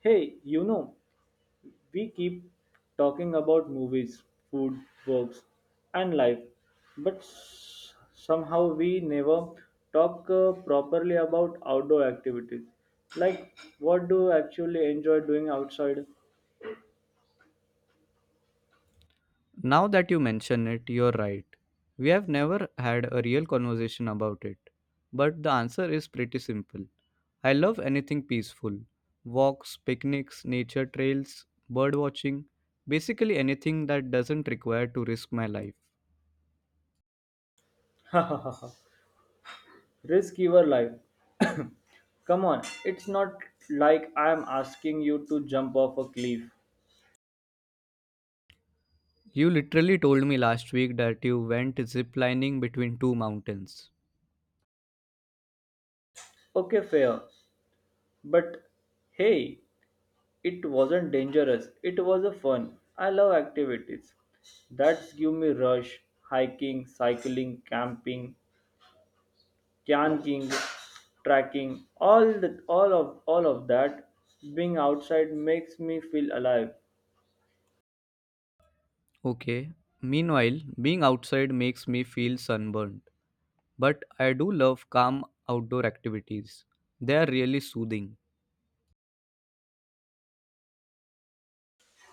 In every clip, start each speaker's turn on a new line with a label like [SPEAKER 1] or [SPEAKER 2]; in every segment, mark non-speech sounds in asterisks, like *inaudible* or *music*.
[SPEAKER 1] Hey, you know, we keep talking about movies, food, works, and life, but somehow we never talk properly about outdoor activities. Like, what do you actually enjoy doing outside?
[SPEAKER 2] Now that you mention it, you're right. We have never had a real conversation about it. But the answer is pretty simple. I love anything peaceful walks, picnics, nature trails, bird watching, basically anything that doesn't require to risk my life.
[SPEAKER 1] Risk your life. Come on, it's not like I'm asking you to jump off a cliff.
[SPEAKER 2] You literally told me last week that you went ziplining between two mountains.
[SPEAKER 1] Okay, fair. But hey, it wasn't dangerous. It was a fun. I love activities that give me rush. Hiking, cycling, camping, camping, trekking, all of all of that, being outside makes me feel alive.
[SPEAKER 2] Okay. Meanwhile, being outside makes me feel sunburned. But I do love calm outdoor activities. They are really soothing.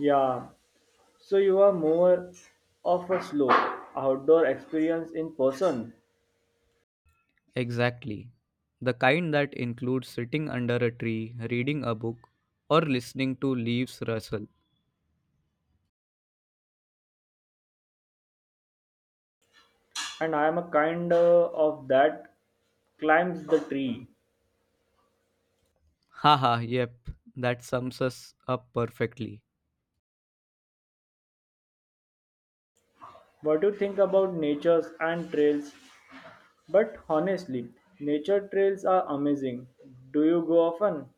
[SPEAKER 1] Yeah. So you are more of a slow outdoor experience in person,
[SPEAKER 2] Exactly. The kind that includes sitting under a tree, reading a book, or listening to leaves rustle.
[SPEAKER 1] and I am a kind of that climbs the tree.
[SPEAKER 2] Haha, yep, that sums us up perfectly.
[SPEAKER 1] What do you think about natures and trails? But honestly, nature trails are amazing. Do you go often?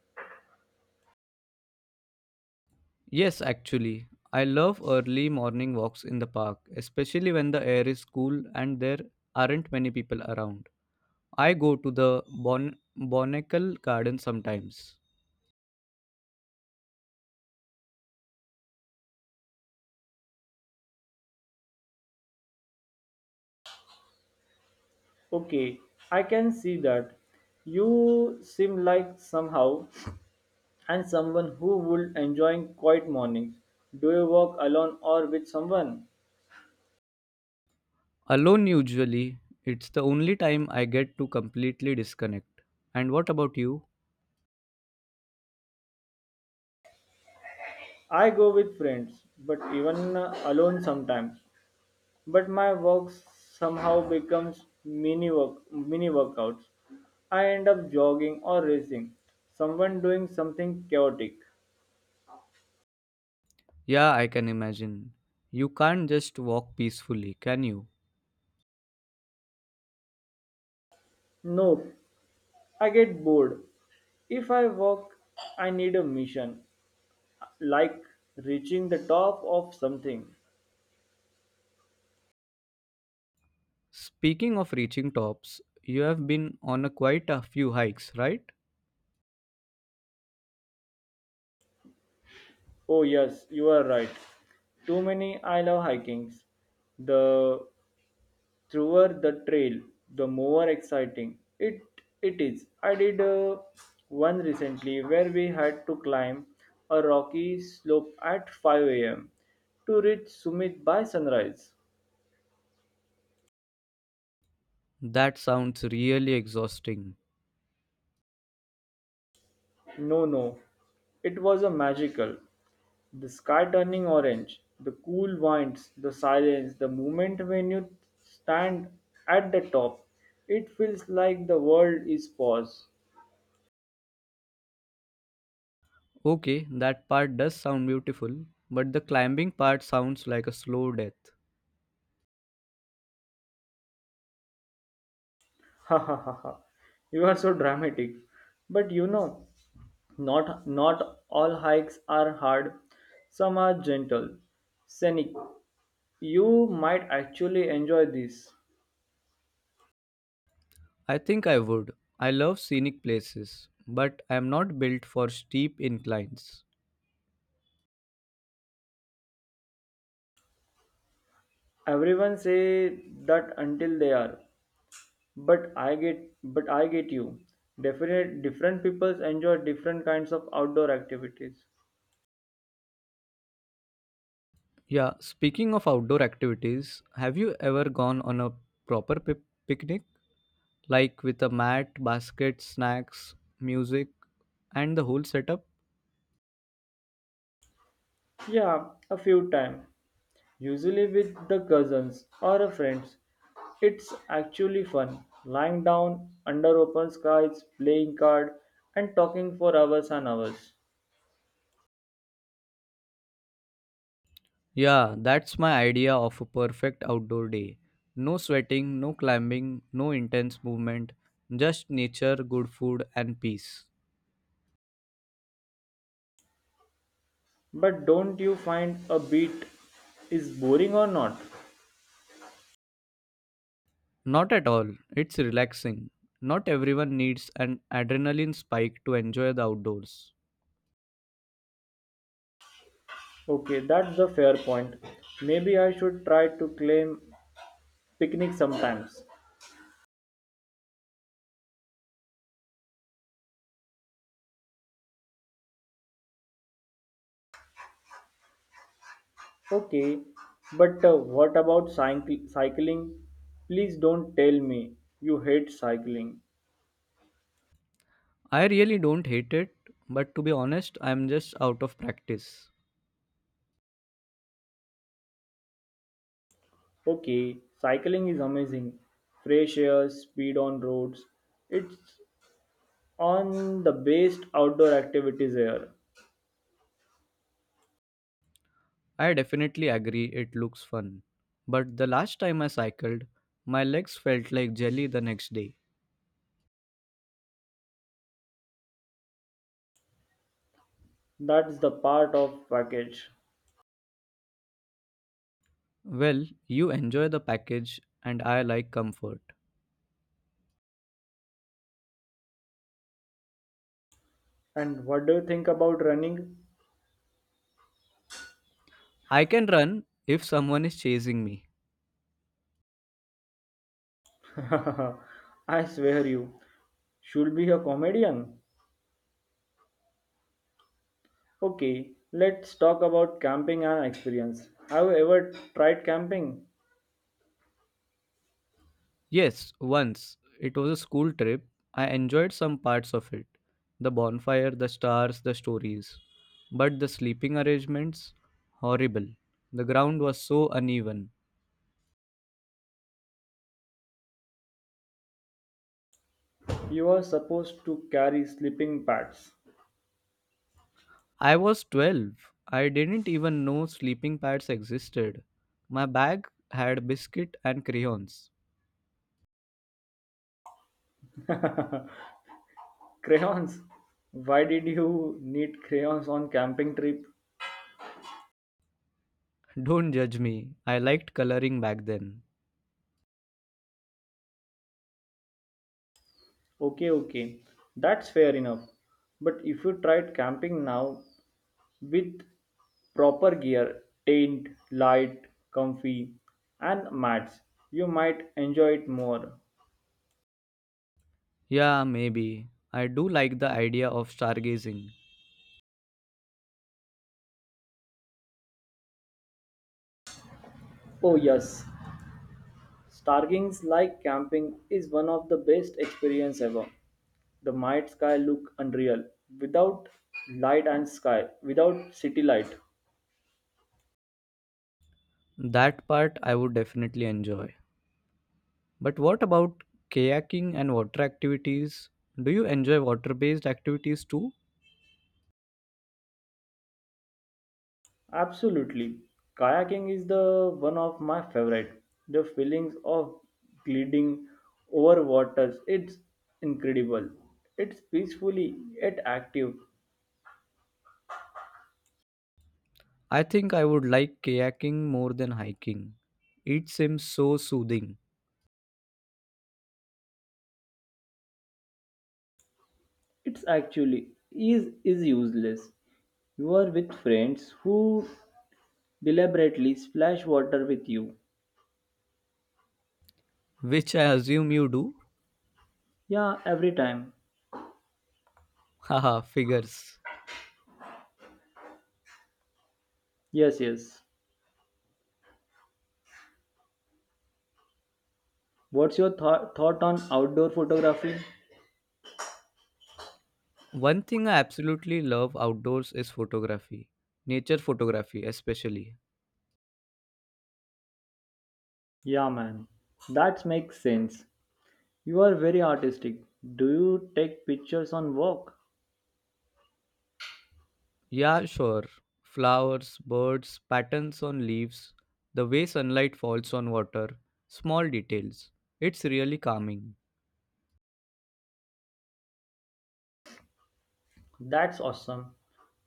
[SPEAKER 2] Yes, actually, I love early morning walks in the park, especially when the air is cool and there aren't many people around. I go to the Bon Botanical Garden sometimes.
[SPEAKER 1] Okay, I can see that. You seem like somehow and someone who would enjoy quiet mornings. Do you walk alone or with someone?
[SPEAKER 2] Alone, usually, it's the only time I get to completely disconnect. And what about you?
[SPEAKER 1] I go with friends, but even alone sometimes. But my walks somehow becomes mini workouts. I end up jogging or racing. Someone doing something chaotic.
[SPEAKER 2] Yeah, I can imagine. You can't just walk peacefully, can you?
[SPEAKER 1] Nope, I get bored. If I walk, I need a mission, like reaching the top of something.
[SPEAKER 2] Speaking of reaching tops, you have been on a quite a few hikes, right?
[SPEAKER 1] Oh, yes, you are right. Too many, I love hikings. The througher the trail, the more exciting it is. I did one recently where we had to climb a rocky slope at 5 a.m. to reach summit by sunrise.
[SPEAKER 2] That sounds really exhausting.
[SPEAKER 1] No, no, it was a magical. The sky turning orange, the cool winds, the silence, the moment when you stand at the top, it feels like the world is paused.
[SPEAKER 2] Okay, that part does sound beautiful, but the climbing part sounds like a slow death.
[SPEAKER 1] *laughs* Ha ha ha ha. You are so dramatic. But you know, not all hikes are hard. Some are gentle, scenic. You might actually enjoy this.
[SPEAKER 2] I think I would. I love scenic places, but I am not built for steep inclines.
[SPEAKER 1] Everyone say that until they are. But I get you. Definite different peoples enjoy different kinds of outdoor activities.
[SPEAKER 2] Yeah, speaking of outdoor activities, have you ever gone on a proper picnic? Like with a mat, basket, snacks, music, and the whole setup?
[SPEAKER 1] Yeah, a few times. Usually with the cousins or a friends. It's actually fun. Lying down under open skies, playing card and talking for hours and hours.
[SPEAKER 2] Yeah, that's my idea of a perfect outdoor day. No sweating, no climbing, no intense movement, just nature, good food, and peace.
[SPEAKER 1] But don't you find a beat is boring or not?
[SPEAKER 2] Not at all, it's relaxing. Not everyone needs an adrenaline spike to enjoy the outdoors.
[SPEAKER 1] Okay, that's a fair point. Maybe I should try to claim picnic sometimes. Okay, but what about cycling? Please don't tell me you hate cycling.
[SPEAKER 2] I really don't hate it, but to be honest, I'm just out of practice.
[SPEAKER 1] Okay, cycling is amazing. Fresh air, speed on roads. It's on the best outdoor activities here.
[SPEAKER 2] I definitely agree it looks fun. But the last time I cycled, my legs felt like jelly the next day.
[SPEAKER 1] That's the part of package.
[SPEAKER 2] Well, you enjoy the package, and I like comfort.
[SPEAKER 1] And what do you think about running?
[SPEAKER 2] I can run if someone is chasing me.
[SPEAKER 1] *laughs* I swear you should be a comedian. Okay, let's talk about camping and experience. Have you ever tried camping?
[SPEAKER 2] Yes, once. It was a school trip. I enjoyed some parts of it the bonfire, the stars, the stories. But the sleeping arrangements? Horrible. The ground was so uneven.
[SPEAKER 1] You were supposed to carry sleeping pads.
[SPEAKER 2] I was 12. I didn't even know sleeping pads existed. My bag had biscuit and crayons.
[SPEAKER 1] Crayons? Why did you need crayons on camping trip?
[SPEAKER 2] Don't judge me. I liked coloring back then.
[SPEAKER 1] Okay, okay. That's fair enough. But if you tried camping now with proper gear, tent, light, comfy, and mats, you might enjoy it more.
[SPEAKER 2] Yeah, maybe. I do like the idea of stargazing.
[SPEAKER 1] Oh yes, stargings like camping is one of the best experience ever. The night sky look unreal without light and sky without city light.
[SPEAKER 2] That part I would definitely enjoy. But what about kayaking and water activities? Do you enjoy water based activities too?
[SPEAKER 1] Absolutely, kayaking is the one of my favorite. The feelings of gliding over waters, it's incredible. It's peacefully yet active.
[SPEAKER 2] I think I would like kayaking more than hiking. It seems so soothing,
[SPEAKER 1] It's actually is useless. You are with friends who deliberately splash water with you.
[SPEAKER 2] which I assume you do.
[SPEAKER 1] Yeah, every time.
[SPEAKER 2] Haha, figures.
[SPEAKER 1] Yes, yes. What's your thought on outdoor photography?
[SPEAKER 2] One thing I absolutely love outdoors is photography. Nature photography, especially.
[SPEAKER 1] Yeah, man, that makes sense. You are very artistic. Do you take pictures on work?
[SPEAKER 2] Yeah, sure. Flowers, birds, patterns on leaves, the way sunlight falls on water, small details. It's really calming.
[SPEAKER 1] That's awesome.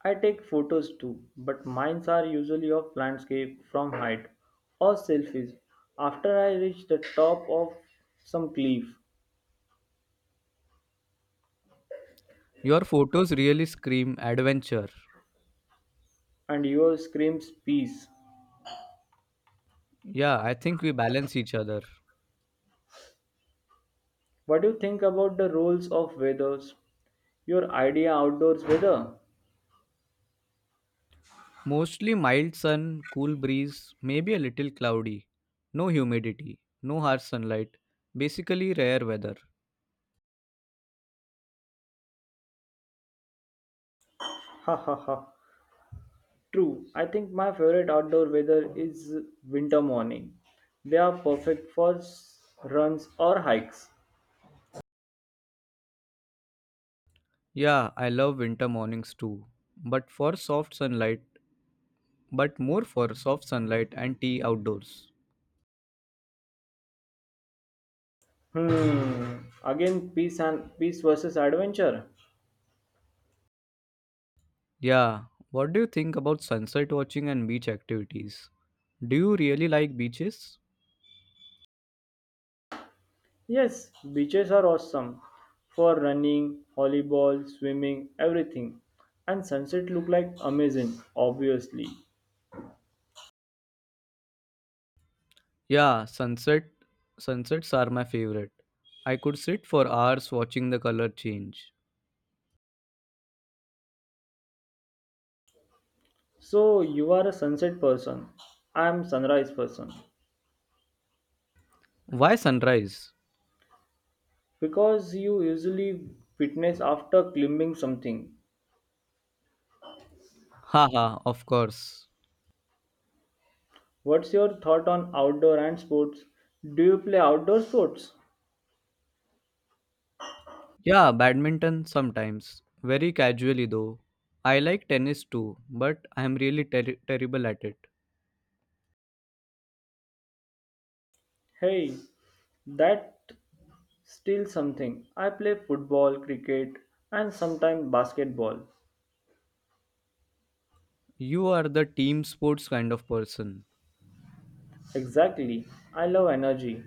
[SPEAKER 1] I take photos too, but mines are usually of landscape from height or selfies after I reach the top of some cliff
[SPEAKER 2] Your photos really scream adventure.
[SPEAKER 1] and yours screams peace.
[SPEAKER 2] Yeah, I think we balance each other.
[SPEAKER 1] What do you think about the roles of weathers? Your idea outdoors weather? *laughs*
[SPEAKER 2] Mostly mild sun, cool breeze, maybe a little cloudy. No humidity, no harsh sunlight, basically rare weather.
[SPEAKER 1] Ha ha ha. True, I think my favorite outdoor weather is winter morning. They are perfect for runs or hikes.
[SPEAKER 2] Yeah, I love winter mornings too, but for soft sunlight, but more for soft sunlight and tea outdoors.
[SPEAKER 1] Hmm. Again, peace versus adventure.
[SPEAKER 2] Yeah, what do you think about sunset watching and beach activities? Do you really like beaches?
[SPEAKER 1] Yes, beaches are awesome for running, volleyball, swimming, everything. And sunset look like amazing, obviously.
[SPEAKER 2] Yeah, sunsets are my favorite. I could sit for hours watching the color change.
[SPEAKER 1] So you are a sunset person. I am sunrise person
[SPEAKER 2] Why sunrise?
[SPEAKER 1] because you usually fitness after climbing something.
[SPEAKER 2] Haha, of course.
[SPEAKER 1] What's your thought on outdoor and sports? Do you play outdoor sports?
[SPEAKER 2] Yeah, badminton sometimes. Very casually though. I like tennis too, but I am really terrible at it.
[SPEAKER 1] Hey, that still something. I play football, cricket, and sometimes basketball.
[SPEAKER 2] You are the team sports kind of person.
[SPEAKER 1] Exactly. I love energy.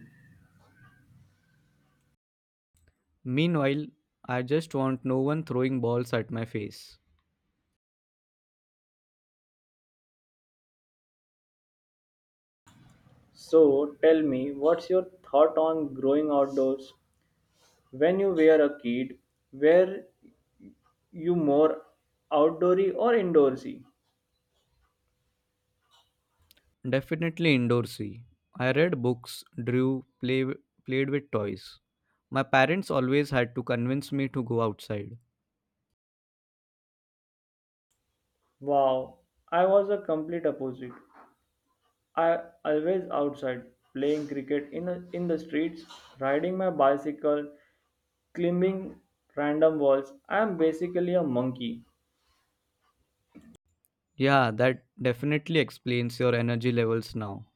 [SPEAKER 2] Meanwhile, I just want no one throwing balls at my face.
[SPEAKER 1] So tell me, what's your thought on growing outdoors? When you were a kid, were you more outdoorsy or indoorsy?
[SPEAKER 2] Definitely indoorsy. I read books, drew, play, played with toys. My parents always had to convince me to go outside.
[SPEAKER 1] Wow, I was a complete opposite. I always outside playing cricket in the streets, riding my bicycle, climbing random walls. I am basically a monkey.
[SPEAKER 2] Yeah, that definitely explains your energy levels now.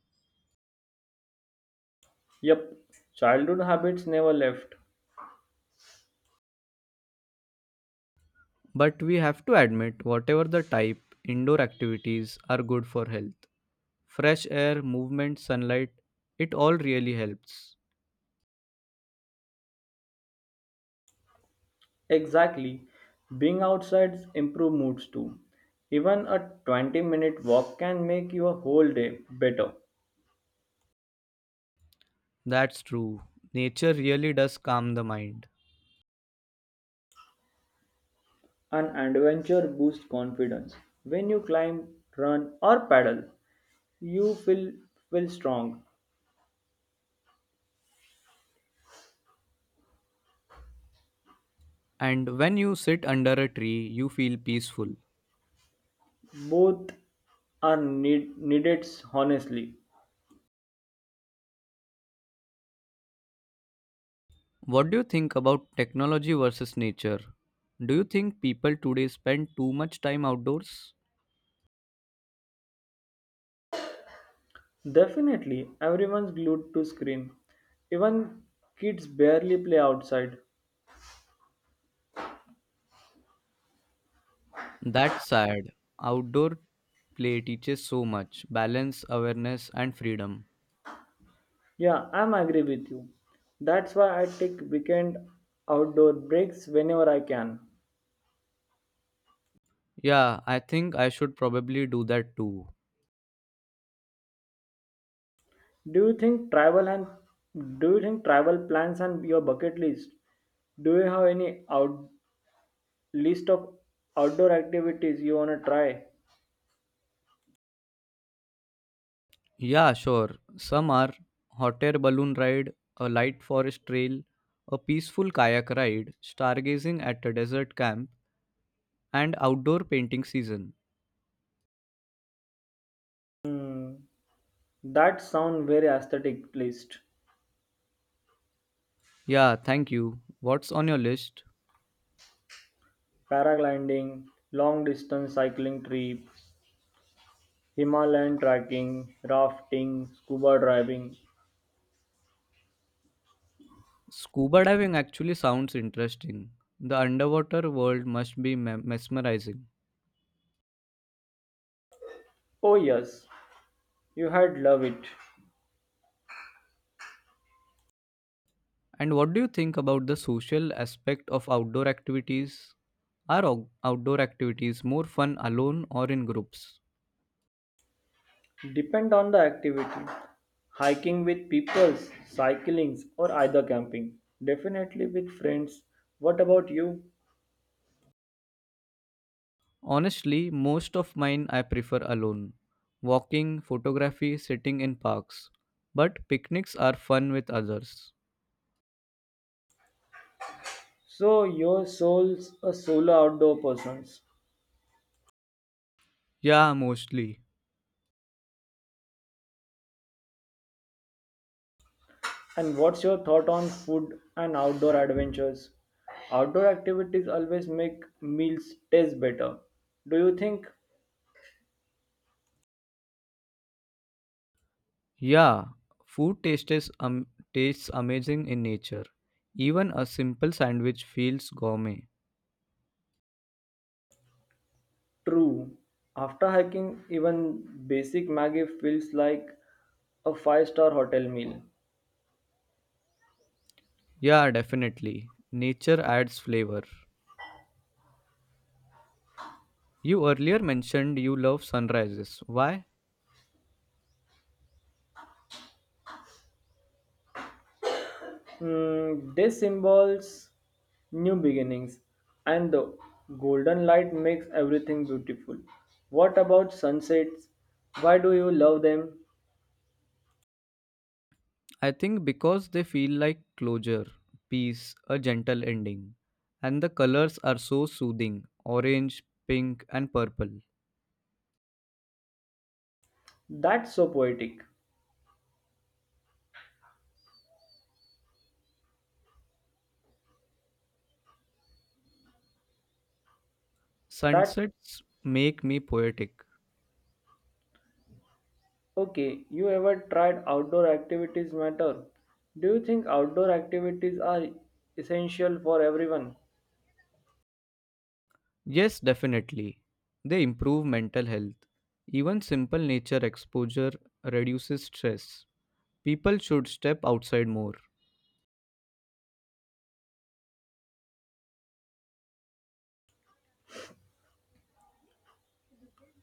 [SPEAKER 1] Yep, childhood habits never left.
[SPEAKER 2] But we have to admit, whatever the type, indoor activities are good for health. Fresh air, movement, sunlight, it all really helps.
[SPEAKER 1] Exactly. Being outside improve moods too. Even a 20-minute walk can make your whole day better.
[SPEAKER 2] That's true. Nature really does calm the mind.
[SPEAKER 1] An adventure boosts confidence. When you climb, run or paddle, you feel strong.
[SPEAKER 2] And when you sit under a tree, you feel peaceful.
[SPEAKER 1] Both are needed, honestly.
[SPEAKER 2] What do you think about technology versus nature? Do you think people today spend too much time outdoors?
[SPEAKER 1] Definitely everyone's glued to screen, even kids barely play outside.
[SPEAKER 2] That's sad. Outdoor play teaches so much balance, awareness, and freedom.
[SPEAKER 1] Yeah, I'm agree with you. That's why I take weekend outdoor breaks whenever I can.
[SPEAKER 2] Yeah, I think I should probably do that too.
[SPEAKER 1] do you think travel and do you think travel plans and your bucket list, do you have any out list of outdoor activities you want to try?
[SPEAKER 2] Yeah, sure. Some are hot air balloon ride, a light forest trail, a peaceful kayak ride, stargazing at a desert camp, and outdoor painting season.
[SPEAKER 1] Hmm, that sound very aesthetic list.
[SPEAKER 2] Yeah, thank you. What's on your list?
[SPEAKER 1] Paragliding, long-distance cycling trips, Himalayan trekking, rafting, scuba diving.
[SPEAKER 2] Scuba diving actually sounds interesting. The underwater world must be mesmerizing.
[SPEAKER 1] Oh yes, you had love it.
[SPEAKER 2] And what do you think about the social aspect of outdoor activities? Are outdoor activities more fun alone or in groups?
[SPEAKER 1] Depend on the activity. Hiking with peoples, cyclings or either camping. Definitely with friends. What about you?
[SPEAKER 2] Honestly, most of mine I prefer alone. Walking, photography, sitting in parks. But picnics are fun with others.
[SPEAKER 1] So your soul's a solo outdoor person.
[SPEAKER 2] Yeah, mostly.
[SPEAKER 1] And what's your thought on food and outdoor adventures? Outdoor activities always make meals taste better. Do you think.
[SPEAKER 2] Yeah, food tastes amazing in nature. Even a simple sandwich feels gourmet.
[SPEAKER 1] True. After hiking, even basic Maggie feels like a five-star hotel meal.
[SPEAKER 2] Yeah, definitely. Nature adds flavor. You earlier mentioned you love sunrises. Why?
[SPEAKER 1] Mm, this symbols new beginnings, and the golden light makes everything beautiful. What about sunsets? Why do you love them?
[SPEAKER 2] I think because they feel like closure, peace, a gentle ending. And the colors are so soothing orange, pink, and purple.
[SPEAKER 1] That's so poetic. That
[SPEAKER 2] Sunsets make me poetic.
[SPEAKER 1] okay. You ever tried outdoor activities matter? Do you think outdoor activities are essential for everyone?
[SPEAKER 2] Yes, definitely. They improve mental health. Even simple nature exposure reduces stress. People should step outside more.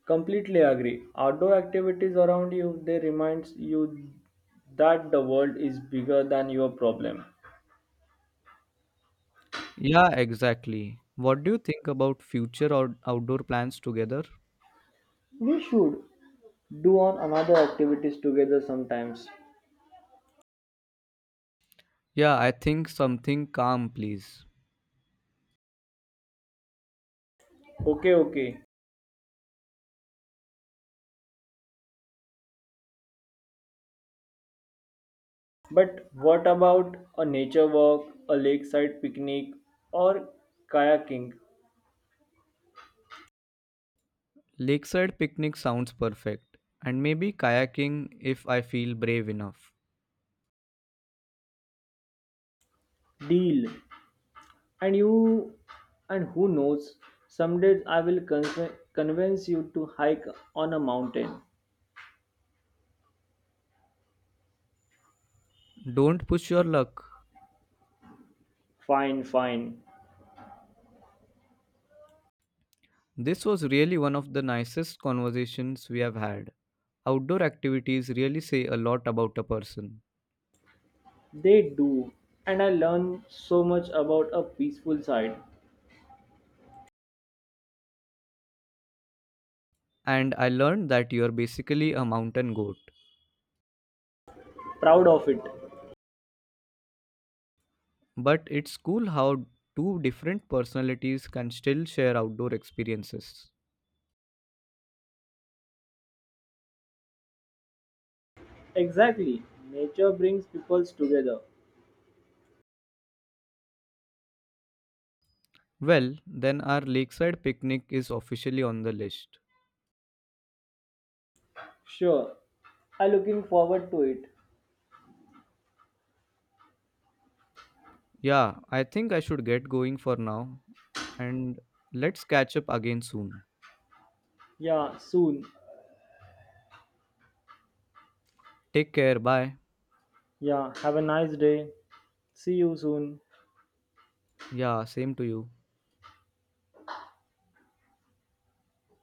[SPEAKER 1] Completely agree. Outdoor activities around you they reminds you that the world is bigger than your problem.
[SPEAKER 2] Yeah, exactly. What do you think about future outdoor plans together?
[SPEAKER 1] We should do on another activities together sometimes.
[SPEAKER 2] Yeah, I think something calm, please.
[SPEAKER 1] Okay, okay. But what about a nature walk, a lakeside picnic, or kayaking?
[SPEAKER 2] Lakeside picnic sounds perfect, and maybe kayaking if I feel brave enough.
[SPEAKER 1] Deal. And you, and who knows, someday I will convince you to hike on a mountain.
[SPEAKER 2] Don't push your luck.
[SPEAKER 1] Fine, fine.
[SPEAKER 2] This was really one of the nicest conversations we have had. Outdoor activities really say a lot about a person.
[SPEAKER 1] They do, and I learn so much about a peaceful side.
[SPEAKER 2] And I learned that you're basically a mountain goat.
[SPEAKER 1] Proud of it.
[SPEAKER 2] But it's cool how two different personalities can still share outdoor experiences.
[SPEAKER 1] Exactly. Nature brings peoples together.
[SPEAKER 2] Well, then our lakeside picnic is officially on the list.
[SPEAKER 1] Sure. I'm looking forward to it.
[SPEAKER 2] Yeah, I think I should get going for now. And let's catch up again soon.
[SPEAKER 1] Yeah, soon.
[SPEAKER 2] Take care. Bye.
[SPEAKER 1] Yeah, have a nice day. See you soon.
[SPEAKER 2] Yeah, same to you.